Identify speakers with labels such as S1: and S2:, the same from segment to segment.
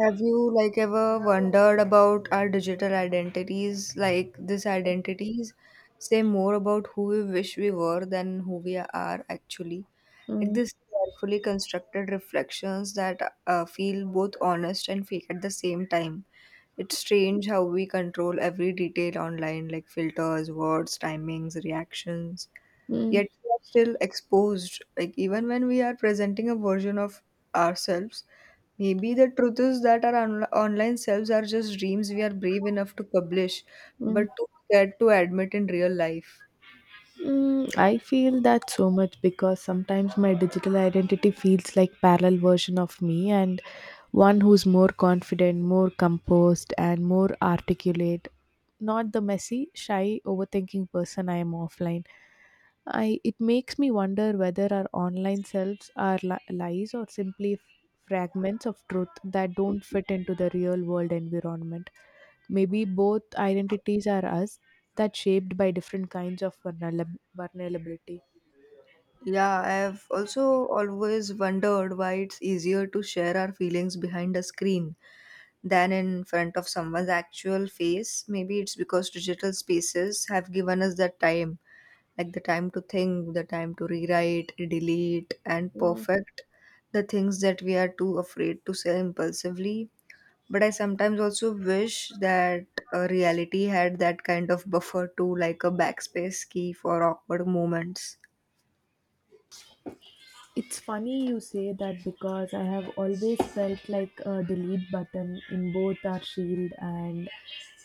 S1: Have you ever wondered about our digital identities? Like these identities say more about who we wish we were than who we are actually. Like
S2: Mm,
S1: these carefully constructed reflections that feel both honest and fake at the same time. It's strange how we control every detail online, like filters, words, timings, reactions.
S2: mm,
S1: Yet we are still exposed. Like even when we are presenting a version of ourselves. Maybe the truth is that our online selves are just dreams we are brave enough to publish,
S2: mm,
S1: but too scared to admit in real life.
S2: mm. I feel that so much because sometimes my digital identity feels like parallel version of me and one who's more confident, more composed and more articulate, not the messy, shy, overthinking person I am offline. I It makes me wonder whether our online selves are lies or simply fragments of truth that don't fit into the real world environment. Maybe both identities are us that shaped by different kinds of vulnerability.
S1: Yeah, I have also always wondered why it's easier to share our feelings behind a screen than in front of someone's actual face. Maybe it's because digital spaces have given us that time, like the time to think, the time to rewrite, delete, and
S2: Mm.
S1: perfect the things that we are too afraid to say impulsively. But I sometimes also wish that reality had that kind of buffer too, like a backspace key for awkward moments.
S2: It's funny you say that because I have always felt like a delete button in both our shield and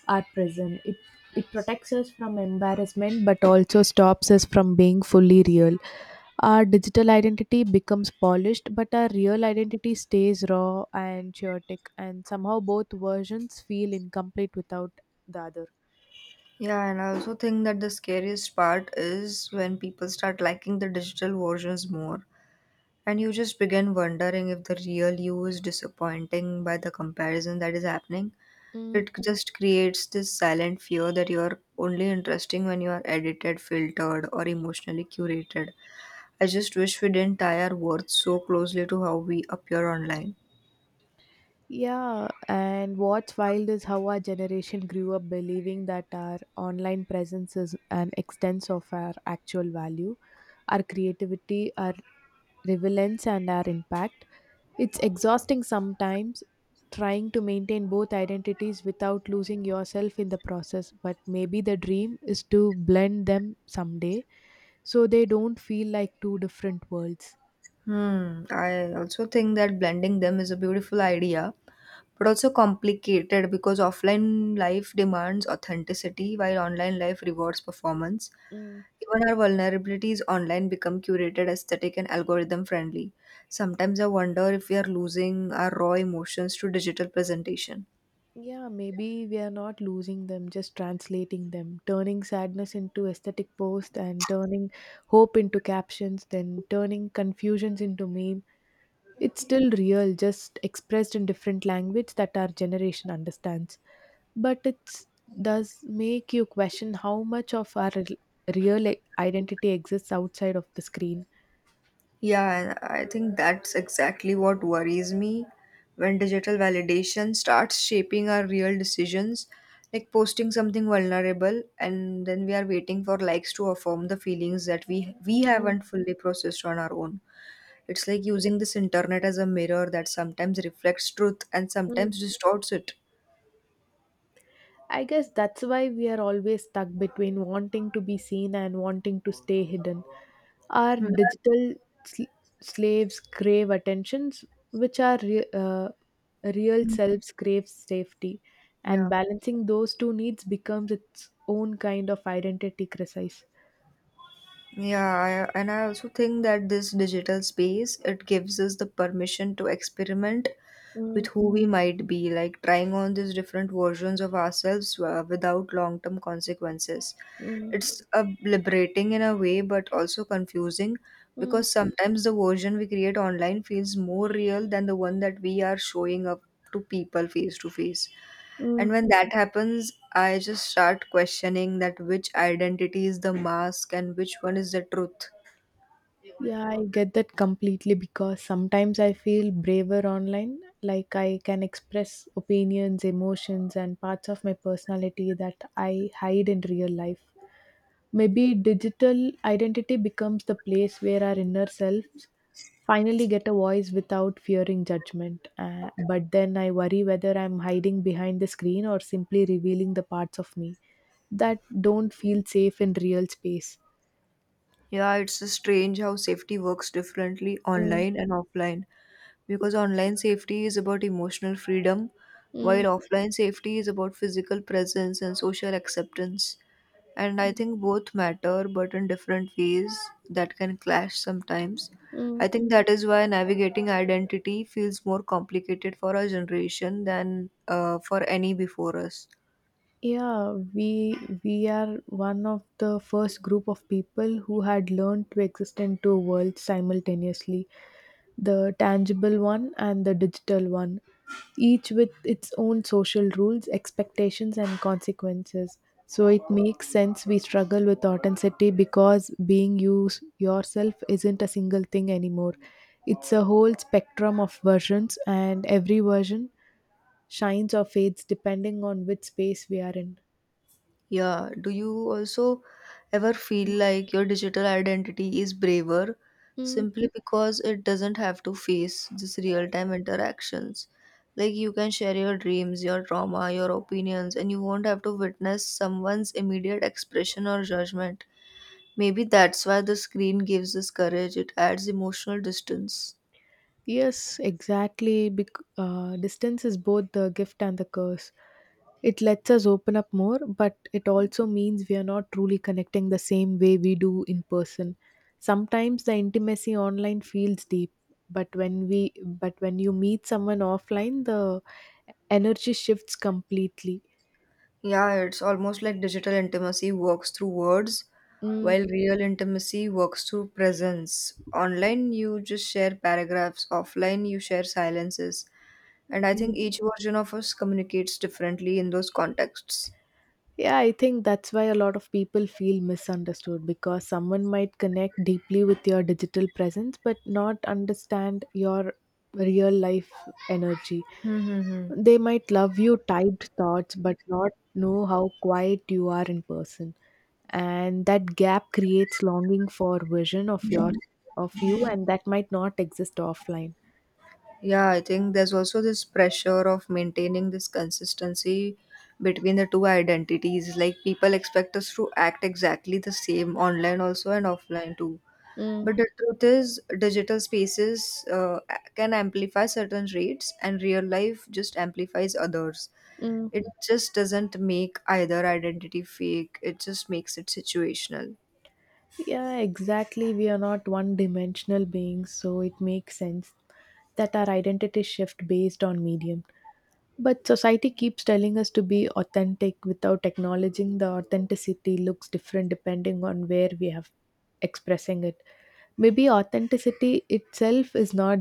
S2: our prison. It protects us from embarrassment but also stops us from being fully real. Our digital identity becomes polished but our real identity stays raw and chaotic and somehow both versions feel incomplete without the other.
S1: Yeah, and I also think that the scariest part is when people start liking the digital versions more, and you just begin wondering if the real you is disappointing by the comparison that is happening.
S2: Mm.
S1: It just creates this silent fear that you're only interesting when you are edited, filtered, or emotionally curated. I just wish we didn't tie our worth so closely to how we appear online.
S2: Yeah, and what's wild is how our generation grew up believing that our online presence is an extent of our actual value, our creativity, our relevance, and our impact. It's exhausting sometimes trying to maintain both identities without losing yourself in the process, but maybe the dream is to blend them someday so they don't feel like two different worlds.
S1: Hmm, I also think that blending them is a beautiful idea, but also complicated because offline life demands authenticity while online life rewards performance. Even our vulnerabilities online become curated, aesthetic, and algorithm friendly. Sometimes I wonder if we are losing our raw emotions to digital presentation.
S2: Yeah, maybe we are not losing them, just translating them, turning sadness into aesthetic posts and turning hope into captions, then turning confusions into meme. It's still real, just expressed in different language that our generation understands. But it does make you question how much of our real identity exists outside of the screen.
S1: Yeah, and I think that's exactly what worries me when digital validation starts shaping our real decisions, like posting something vulnerable and then we are waiting for likes to affirm the feelings that we
S2: Mm,
S1: haven't fully processed on our own. It's like using this internet as a mirror that sometimes reflects truth and
S2: mm.
S1: sometimes distorts it.
S2: I guess that's why we are always stuck between wanting to be seen and wanting to stay hidden. Our
S1: Hmm.
S2: digital sl- slaves crave attentions, which our real selves crave safety, and
S1: Yeah.
S2: balancing those two needs becomes its own kind of identity crisis.
S1: Yeah, I, and I also think that this digital space, it gives us the permission to experiment with
S2: Mm,
S1: who we might be, like trying on these different versions of ourselves without long term consequences.
S2: mm,
S1: It's liberating in a way, but also confusing
S2: mm,
S1: because sometimes the version we create online feels more real than the one that we are showing up to people face to face. And
S2: mm.
S1: when that happens, I just start questioning that which identity is the mask and which one is the truth.
S2: Yeah, I get that completely because sometimes I feel braver online. Like I can express opinions, emotions, and parts of my personality that I hide in real life. Maybe digital identity becomes the place where our inner selves finally get a voice without fearing judgment. But then I worry whether I'm hiding behind the screen or simply revealing the parts of me that don't feel safe in real space.
S1: Yeah, it's strange how safety works differently
S2: Mm,
S1: online and offline because online safety is about emotional freedom, while
S2: mm,
S1: offline safety is about physical presence and social acceptance. And I think both matter, but in different ways that can clash sometimes. I
S2: mm.
S1: think that is why navigating identity feels more complicated for our generation than for any before us.
S2: Yeah, we are one of the first group of people who had learned to exist in two worlds simultaneously, the tangible one and the digital one, each with its own social rules, expectations and consequences. So it makes sense we struggle with authenticity because being you yourself isn't a single thing anymore. It's a whole spectrum of versions and every version shines or fades depending on which space we are in.
S1: Yeah, do you also ever feel like your digital identity is braver
S2: Mm,
S1: simply because it doesn't have to face this real-time interactions? Like you can share your dreams, your trauma, your opinions, and you won't have to witness someone's immediate expression or judgment. Maybe that's why the screen gives us courage, it adds emotional distance.
S2: yes, exactly. Distance is both the gift and the curse. It lets us open up more, but it also means we are not truly connecting the same way we do in person. Sometimes the intimacy online feels deep, but when we but when you meet someone offline, the energy shifts completely.
S1: Yeah, it's almost like digital intimacy works through words,
S2: Mm.
S1: while real intimacy works through presence. Online, you just share paragraphs, offline, you share silences. And I think each version of us communicates differently in those contexts.
S2: Yeah, I think that's why a lot of people feel misunderstood because someone might connect deeply with your digital presence but not understand your real life energy.
S1: Mm-hmm.
S2: They might love you typed thoughts but not know how quiet you are in person. And that gap creates longing for vision of your of you and that might not exist offline.
S1: Yeah, I think there's also this pressure of maintaining this consistency between the two identities. Like, people expect us to act exactly the same online, also, and offline, too.
S2: Mm,
S1: But the truth is, digital spaces can amplify certain traits, and real life just amplifies others.
S2: mm.
S1: It just doesn't make either identity fake, it just makes it situational.
S2: Yeah, exactly. We are not one dimensional beings, so it makes sense that our identity shift based on medium. But society keeps telling us to be authentic without acknowledging the authenticity looks different depending on where we have expressing it. Maybe authenticity itself is not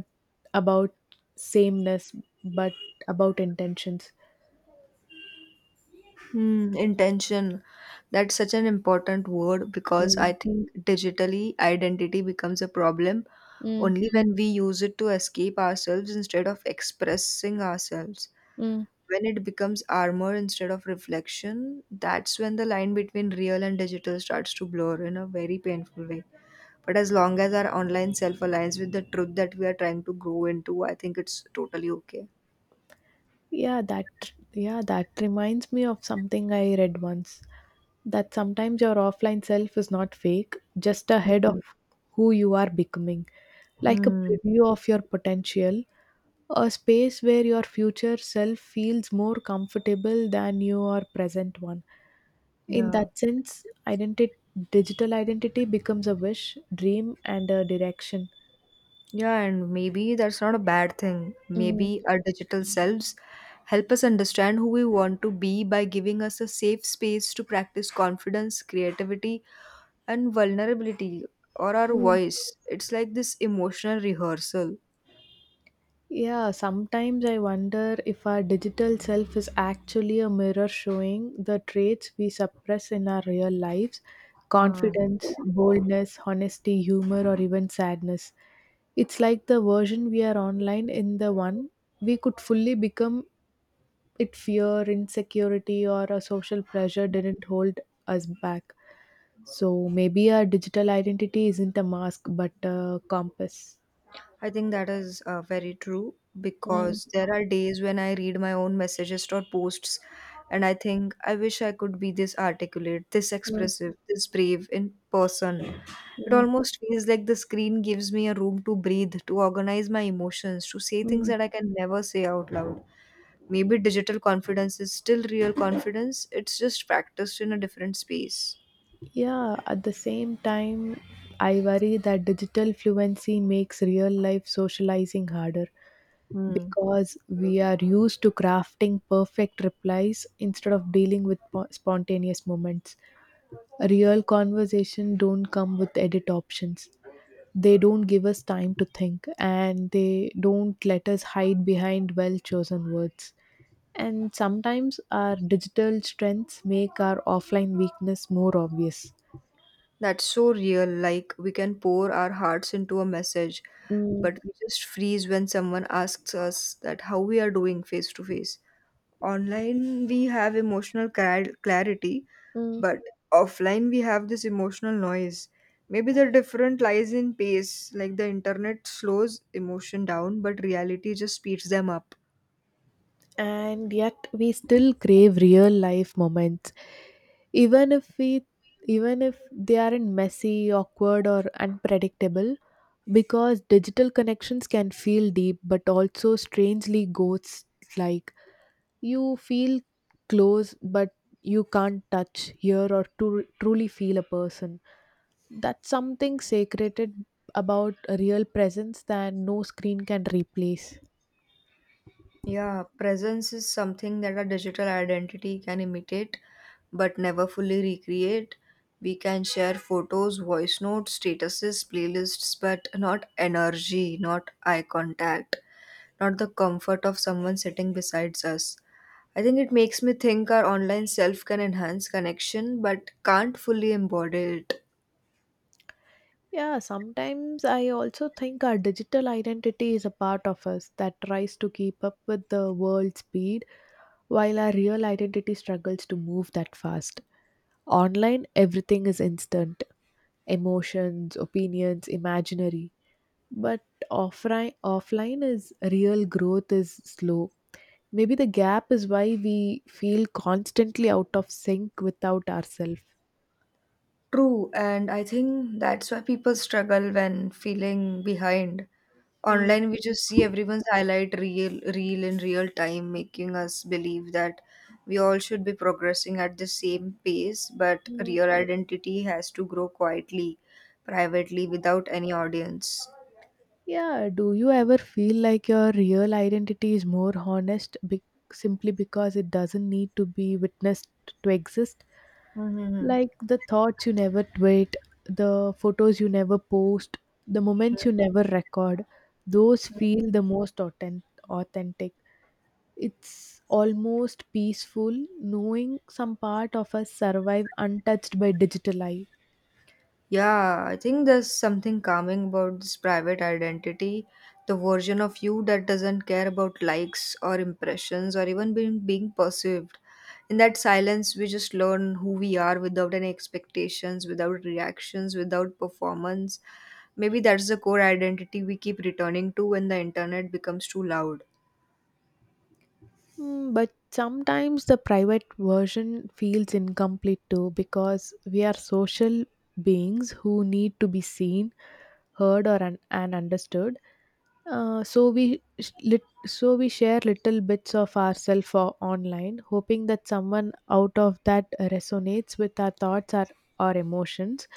S2: about sameness but about intentions.
S1: Hmm, intention. That's such an important word because I
S2: Mm,
S1: think digitally identity becomes a problem
S2: mm,
S1: only when we use it to escape ourselves instead of expressing ourselves.
S2: mm.
S1: When it becomes armor instead of reflection, that's when the line between real and digital starts to blur in a very painful way. But as long as our online self aligns with the truth that we are trying to grow into, I think it's totally okay.
S2: Yeah, that reminds me of something I read once. That sometimes your offline self is not fake, just a head of
S1: Mhm.
S2: who you are becoming. Like a
S1: Hmm.
S2: preview of your potential, a space where your future self feels more comfortable than your present one. In
S1: Yeah.
S2: that sense, identity digital identity becomes a wish, dream and a direction.
S1: Yeah, and maybe that's not a bad thing. Maybe our digital selves help us understand who we want to be by giving us a safe space to practice confidence, creativity, and vulnerability or our
S2: Mm.
S1: voice. It's like this emotional rehearsal.
S2: Yeah, sometimes I wonder if our digital self is actually a mirror showing the traits we suppress in our real lives
S1: Mm.
S2: confidence, boldness, honesty, humor, or even sadness. It's like the version we are online in the one we could fully become it fear, insecurity, or a social pressure didn't hold us back. So maybe our digital identity isn't a mask but a compass.
S1: I think that is very true
S2: Mm,
S1: because there are days when I read my own messages or posts and I think I wish I could be this articulate, this
S2: mm,
S1: expressive, this brave in person. It
S2: mm,
S1: almost feels like the screen gives me a room to breathe, to organize my emotions, to say things
S2: mm.
S1: that I can never say out loud. Maybe digital confidence is still real confidence, it's just practiced in a different space.
S2: Yeah, at the same time, I worry that digital fluency makes real life socializing harder
S1: Hmm.
S2: because we are used to crafting perfect replies instead of dealing with spontaneous moments. Real conversation don't come with edit options. They don't give us time to think and they don't let us hide behind well chosen words. And sometimes our digital strengths make our offline weakness more obvious.
S1: That's so real. Like, we can pour our hearts into a message,
S2: Mm.
S1: but we just freeze when someone asks us that how we are doing face to face. Online, we have emotional clarity,
S2: Mm,
S1: but offline, we have this emotional noise. Maybe the difference lies in pace, like the internet slows emotion down, but reality just speeds them up.
S2: and yet we still crave real life moments even if we even if they aren't messy awkward or unpredictable because digital connections can feel deep but also strangely ghost like you feel close but you can't touch hear or to truly feel a person that's something sacred about a real presence that no screen can replace.
S1: Yeah, presence is something that a digital identity can imitate but never fully recreate. We can share photos, voice notes, statuses, playlists, but not energy, not eye contact, not the comfort of someone sitting besides us. I think it makes me think our online self can enhance connection but can't fully embody it.
S2: Yeah, sometimes I also think our digital identity is a part of us that tries to keep up with the world's speed while our real identity struggles to move that fast. Online, everything is instant emotions, opinions, imaginary. But offline is real growth is slow. Maybe the gap is why we feel constantly out of sync without ourselves.
S1: True, and I think that's why people struggle when feeling behind. Online, we just see everyone's highlight real, real in real time, making us believe that we all should be progressing at the same pace, but real identity has to grow quietly, privately, without any audience.
S2: Yeah, do you ever feel like your real identity is more honest simply because it doesn't need to be witnessed to exist?
S1: Mm-hmm.
S2: Like the thoughts you never tweet, the photos you never post, the moments you never record, those feel the most authentic. It's almost peaceful knowing some part of us survive untouched by digital life.
S1: Yeah, I think there's something calming about this private identity, the version of you that doesn't care about likes or impressions or even being perceived. In that silence, we just learn who we are without any expectations, without reactions, without performance. Maybe that's the core identity we keep returning to when the internet becomes too loud.
S2: Mm, but sometimes the private version feels incomplete too because we are social beings who need to be seen, heard, and understood. So we share little bits of ourselves online, hoping that someone out of that resonates with our thoughts or our emotions.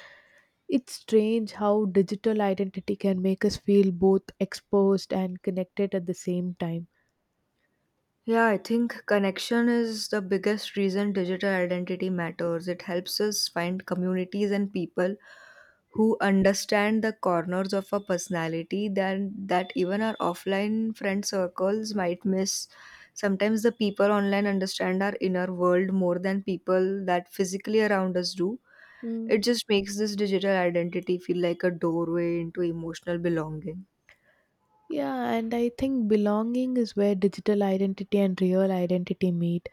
S2: It's strange how digital identity can make us feel both exposed and connected at the same time.
S1: Yeah, I think connection is the biggest reason digital identity matters. It helps us find communities and people who understand the corners of our personality then that even our offline friend circles might miss. Sometimes the people online understand our inner world more than people that physically around us do.
S2: Hmm.
S1: It just makes this digital identity feel like a doorway into emotional belonging.
S2: Yeah, and I think belonging is where digital identity and real identity meet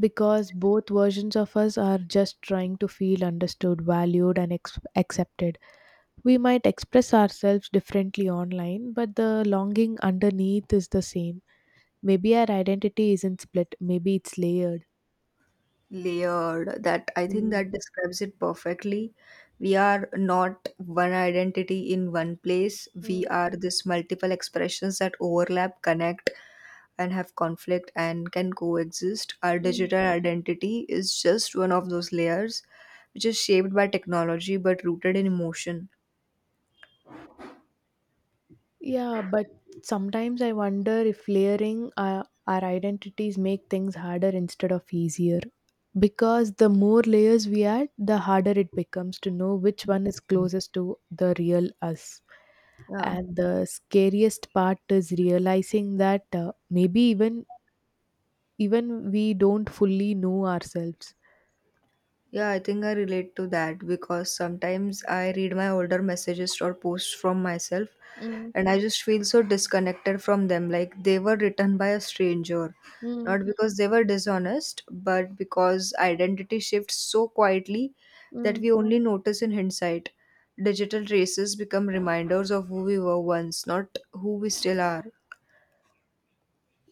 S2: because both versions of us are just trying to feel understood, valued, and accepted. We might express ourselves differently online, but the longing underneath is the same. Maybe our identity isn't split, maybe it's layered.
S1: Layered. That i think
S2: Mm.
S1: that describes it perfectly. We are not one identity in one place, we are this multiple expressions that overlap, connect, and have conflict and can coexist. Our
S2: Mm.
S1: digital identity is just one of those layers, which is shaped by technology but rooted in emotion.
S2: Yeah, but sometimes I wonder if layering our identities make things harder instead of easier. Because the more layers we add, the harder it becomes to know which one is closest to the real us.
S1: Yeah.
S2: And the scariest part is realizing that maybe even we don't fully know ourselves.
S1: Yeah, I think I relate to that because sometimes I read my older messages or posts from myself
S2: Mm,
S1: and I just feel so disconnected from them. Like they were written by a stranger,
S2: mm,
S1: not because they were dishonest, but because identity shifts so quietly that
S2: mm.
S1: we only notice in hindsight. Digital traces become reminders of who we were once, not who we still are.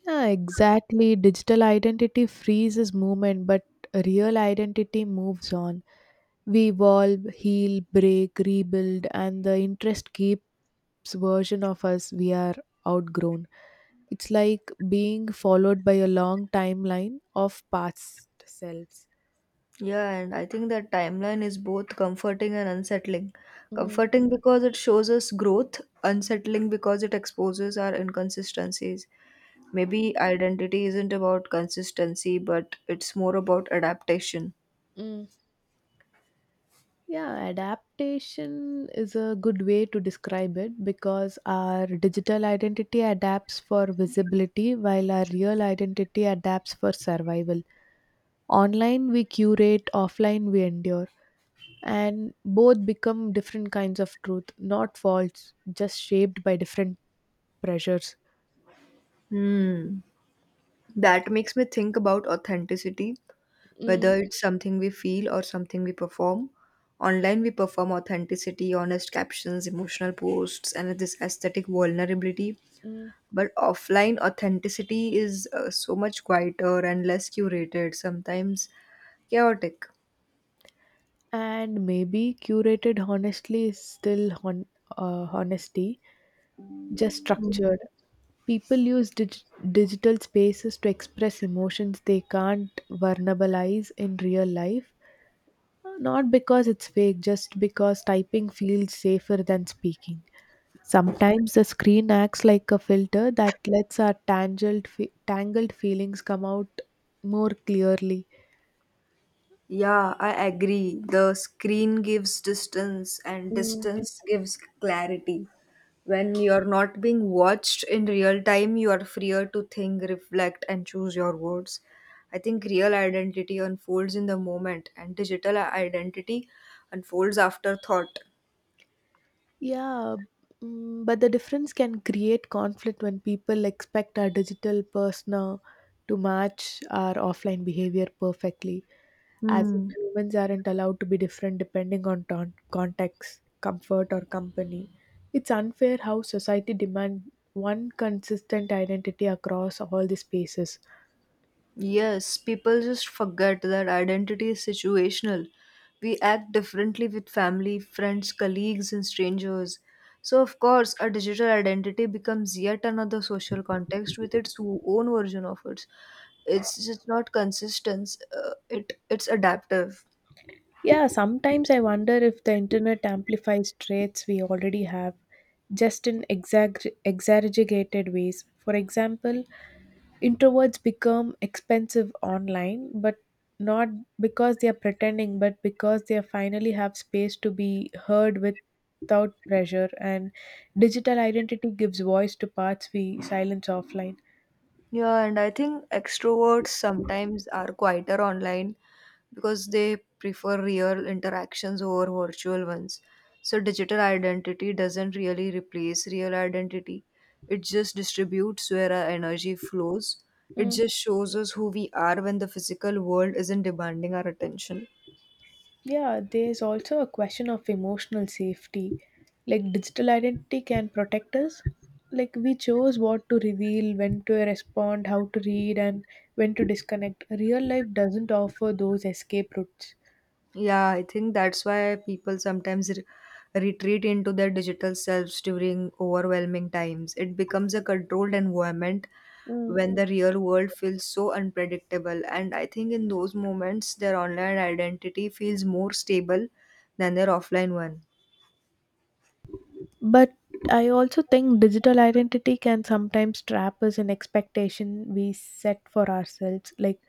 S2: Yeah, exactly. Digital identity freezes movement, but real identity moves on. We evolve, heal, break, rebuild, and the interest keeps version of us we are outgrown. It's like being followed by a long timeline of past selves.
S1: Yeah, and I think that timeline is both comforting and unsettling.
S2: Mm,
S1: Comforting because it shows us growth, unsettling because it exposes our inconsistencies. Maybe identity isn't about consistency, but it's more about adaptation.
S2: mm. Yeah, adaptation is a good way to describe it because our digital identity adapts for visibility while our real identity adapts for survival. Online, we curate, offline, we endure. And both become different kinds of truth, not false, just shaped by different pressures.
S1: Hmm. That makes me think about authenticity,
S2: Mm,
S1: whether it's something we feel or something we perform. Online, we perform authenticity, honest captions, emotional posts, and this aesthetic vulnerability,
S2: mm.
S1: but offline authenticity is so much quieter and less curated, sometimes chaotic.
S2: And maybe curated honestly is still honesty, just
S1: Mhm.
S2: structured. People use digital spaces to express emotions they can't verbalize in real life, not because it's fake, just because typing feels safer than speaking. Sometimes the screen acts like a filter that lets our tangled feelings come out more clearly.
S1: Yeah, I agree. The screen gives distance, and
S2: Mm,
S1: distance gives clarity. When you're not being watched in real time, you are freer to think, reflect, and choose your words. I think real identity unfolds in the moment, and digital identity unfolds after thought.
S2: yeah, mm, but the difference can create conflict when people expect our digital persona to match our offline behavior perfectly, as if
S1: Hmm.
S2: humans aren't allowed to be different depending on context, comfort, or company. It's unfair how society demands one consistent identity across all the spaces.
S1: Yes, people just forget that identity is situational. We act differently with family, friends, colleagues, and strangers. So, of course, a digital identity becomes yet another social context with its own version of it. It's just not consistent. It it's adaptive.
S2: Yeah, sometimes I wonder if the internet amplifies traits we already have, just in exaggerated ways. For example, introverts become expensive online, but not because they are pretending, but because they finally have space to be heard without pressure, and digital identity gives voice to parts we silence offline.
S1: Yeah, and I think extroverts sometimes are quieter online because they prefer real interactions over virtual ones. So, digital identity doesn't really replace real identity, it just distributes where our energy flows. It
S2: Mm.
S1: just shows us who we are when the physical world isn't demanding our attention.
S2: Yeah, there's also a question of emotional safety. Like digital identity can protect us. Like we chose what to reveal, when to respond, how to read, and when to disconnect. Real life doesn't offer those escape routes.
S1: Yeah, I think that's why people sometimes retreat into their digital selves during overwhelming times. It becomes a controlled environment
S2: Mm.
S1: when the real world feels so unpredictable. And I think in those moments, their online identity feels more stable than their offline one.
S2: But I also think digital identity can sometimes trap us in expectation we set for ourselves. Like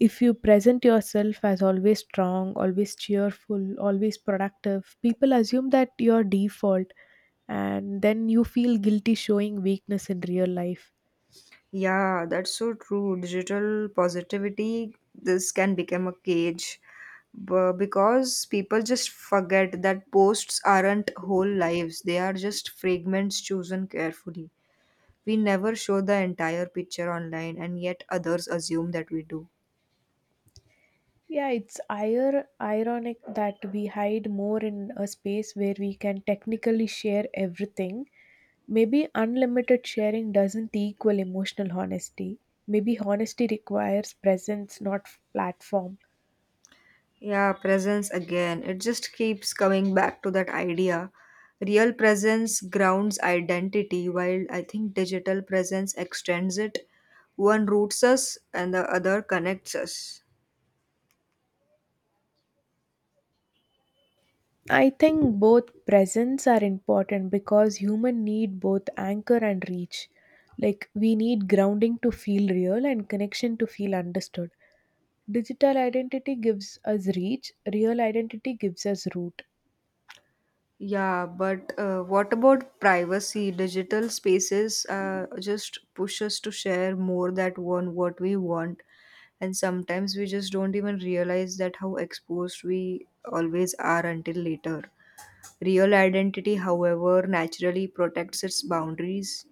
S2: if you present yourself as always strong, always cheerful, always productive, people assume that your default. And then you feel guilty showing weakness in real life.
S1: Yeah, that's so true. Digital positivity, this can become a cage because people just forget that posts aren't whole lives, they are just fragments chosen carefully. We never show the entire picture online, and yet others assume that we do.
S2: Yeah, it's ironic that we hide more in a space where we can technically share everything. Maybe unlimited sharing doesn't equal emotional honesty. Maybe honesty requires presence, not platform.
S1: Yeah, presence again. It just keeps coming back to that idea. Real presence grounds identity, while I think digital presence extends it. One roots us and the other connects us.
S2: I think both presence are important because human need both anchor and reach. Like we need grounding to feel real and connection to feel understood. Digital identity gives us reach, real identity gives us root.
S1: Yeah, but what about privacy? Digital spaces just push us to share more that one what we want, and sometimes we just don't even realize that how exposed we always are until later. Real identity, however, naturally protects its boundaries.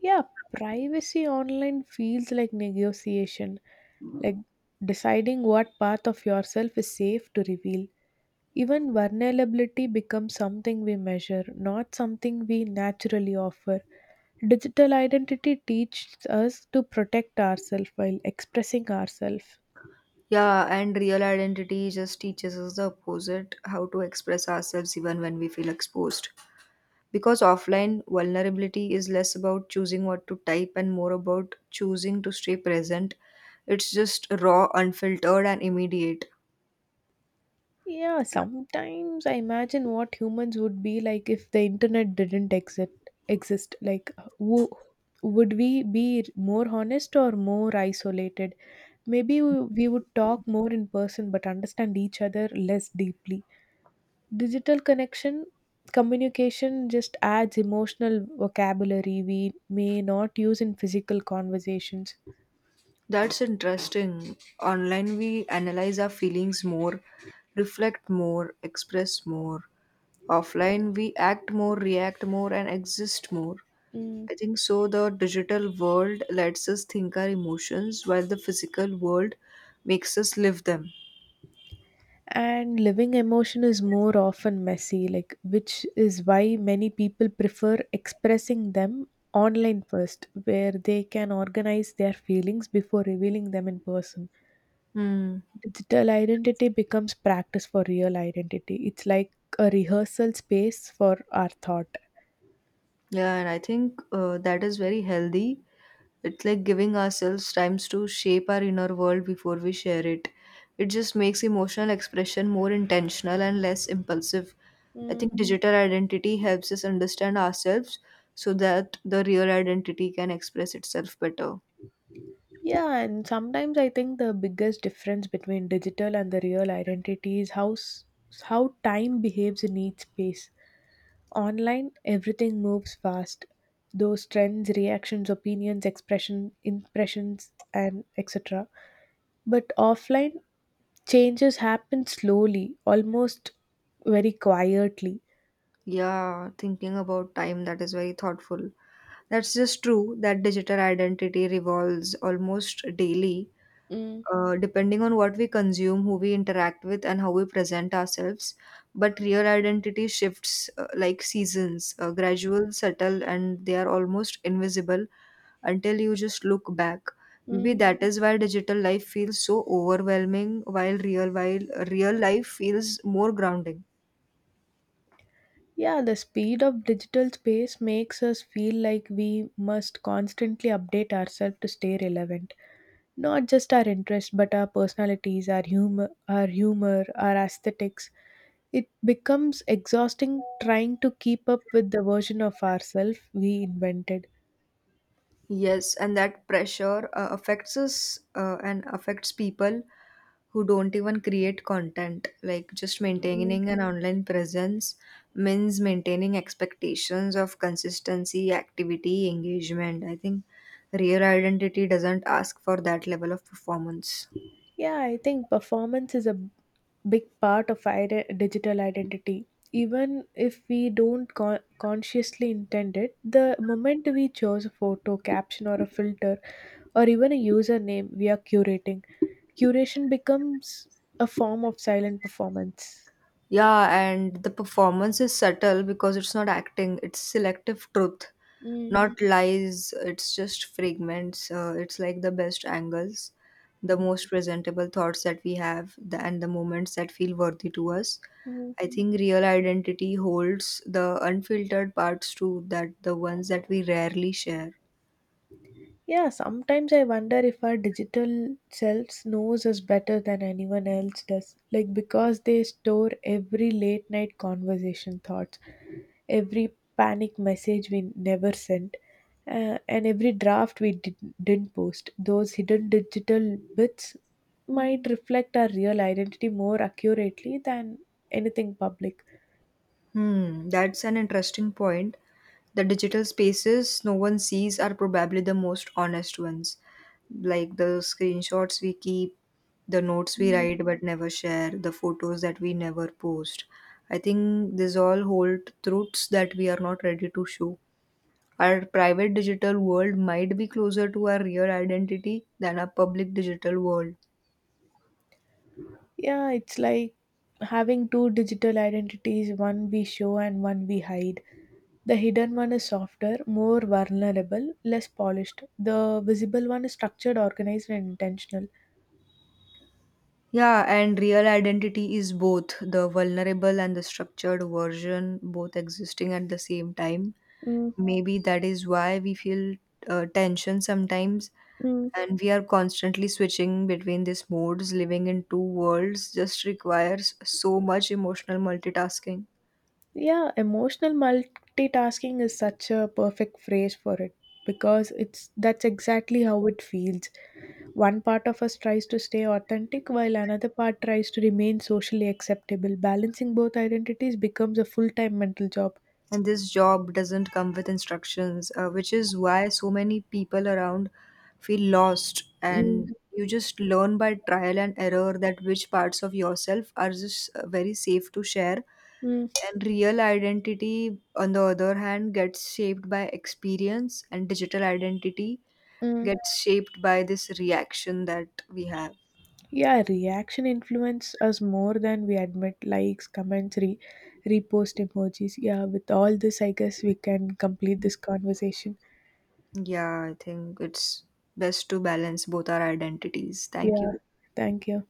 S2: Yeah, privacy online feels like negotiation, like deciding what part of yourself is safe to reveal. Even vulnerability becomes something we measure, not something we naturally offer. Digital identity teaches us to protect ourselves while expressing ourselves.
S1: Yeah, and real identity just teaches us the opposite how to express ourselves even when we feel exposed. Because offline, vulnerability is less about choosing what to type and more about choosing to stay present. It's just raw, unfiltered, and immediate.
S2: Yeah, sometimes I imagine what humans would be like if the internet didn't exist. Like, wo- would we be more honest or more isolated? Maybe we would talk more in person, but understand each other less deeply. Digital connection communication just adds emotional vocabulary we may not use in physical conversations.
S1: That's interesting. Online, we analyze our feelings more, reflect more, express more. Offline, we act more, react more, and exist more.
S2: Mm.
S1: I think so. The digital world lets us think our emotions, while the physical world makes us live them.
S2: And living emotion is more often messy like which is why many people prefer expressing them online first where they can organize their feelings before revealing them in person
S1: Hmm.
S2: digital identity becomes practice for real identity it's like a rehearsal space for our thought.
S1: Yeah, and I think that is very healthy. It's like giving ourselves times to shape our inner world before we share it. It just makes emotional expression more intentional and less impulsive. I
S2: Mm,
S1: think digital identity helps us understand ourselves so that the real identity can express itself better.
S2: yeah, and sometimes I think the biggest difference between digital and the real identity is how time behaves in each space. Online, everything moves fast. Those trends, reactions, opinions, expression, impressions, and etc. But offline, changes happen slowly, almost very quietly.
S1: Yeah, thinking about time, that is very thoughtful. That's just true that digital identity revolves almost daily
S2: Mm,
S1: depending on what we consume, who we interact with, and how we present ourselves. But real identity shifts like seasons, gradual, subtle, and they are almost invisible until you just look back. Maybe
S2: mm.
S1: that is why digital life feels so overwhelming, while real life feels more grounding.
S2: Yeah, the speed of digital space makes us feel like we must constantly update ourselves to stay relevant. Not just our interest, but our personalities, our humor, our aesthetics. It becomes exhausting trying to keep up with the version of ourselves we invented.
S1: Yes, and that pressure affects us and affects people who don't even create content. Like just
S2: Mm.
S1: maintaining an online presence means maintaining expectations of consistency, activity, engagement. I think real identity doesn't ask for that level of performance.
S2: Yeah, I think performance is a big part of digital identity. Even if we don't consciously intend it, the moment we chose a photo, caption, or a filter, or even a username we are curating, curation becomes a form of silent performance.
S1: Yeah, and the performance is subtle because it's not acting, it's selective truth,
S2: Mm,
S1: not lies, it's just fragments. It's like the best angles, the most presentable thoughts that we have, and the moments that feel worthy to us.
S2: mm.
S1: I think real identity holds the unfiltered parts too, that the ones that we rarely share.
S2: Yeah, sometimes I wonder if our digital selves knows us better than anyone else does. Like because they store every late night conversation thoughts, every panic message we never sent, and every didn't post. Those hidden digital bits might reflect our real identity more accurately than anything public.
S1: Hmm, that's an interesting point. The digital spaces no one sees are probably the most honest ones. Like the screenshots we keep, the notes we write but never share, the photos that we never post. I think these all hold truths that we are not ready to show. Our private digital world might be closer to our real identity than our public digital world.
S2: Yeah, it's like having two digital identities, one we show and one we hide. The hidden one is softer, more vulnerable, less polished. The visible one is structured, organized, and intentional.
S1: Yeah, and real identity is both the vulnerable and the structured version, both existing at the same time.
S2: Mm,
S1: Maybe that is why we feel tension sometimes,
S2: mm.
S1: and we are constantly switching between these modes. Living in two worlds just requires so much emotional multitasking.
S2: Yeah, emotional multitasking is such a perfect phrase for it because it's that's exactly how it feels. One part of us tries to stay authentic while another part tries to remain socially acceptable. Balancing both identities becomes a full-time mental job.
S1: And this job doesn't come with instructions which is why so many people around feel lost
S2: Mm,
S1: and you just learn by trial and error that which parts of yourself are just very safe to share.
S2: mm,
S1: And real identity on the other hand gets shaped by experience, and digital identity
S2: mm.
S1: gets shaped by this reaction that we have.
S2: Yeah, reaction influence us more than we admit. Likes, comments, repost emojis. Yeah, with all this, I guess we can complete this conversation.
S1: Yeah, I think it's best to balance both our identities. Thank
S2: Yeah,
S1: you.
S2: thank you.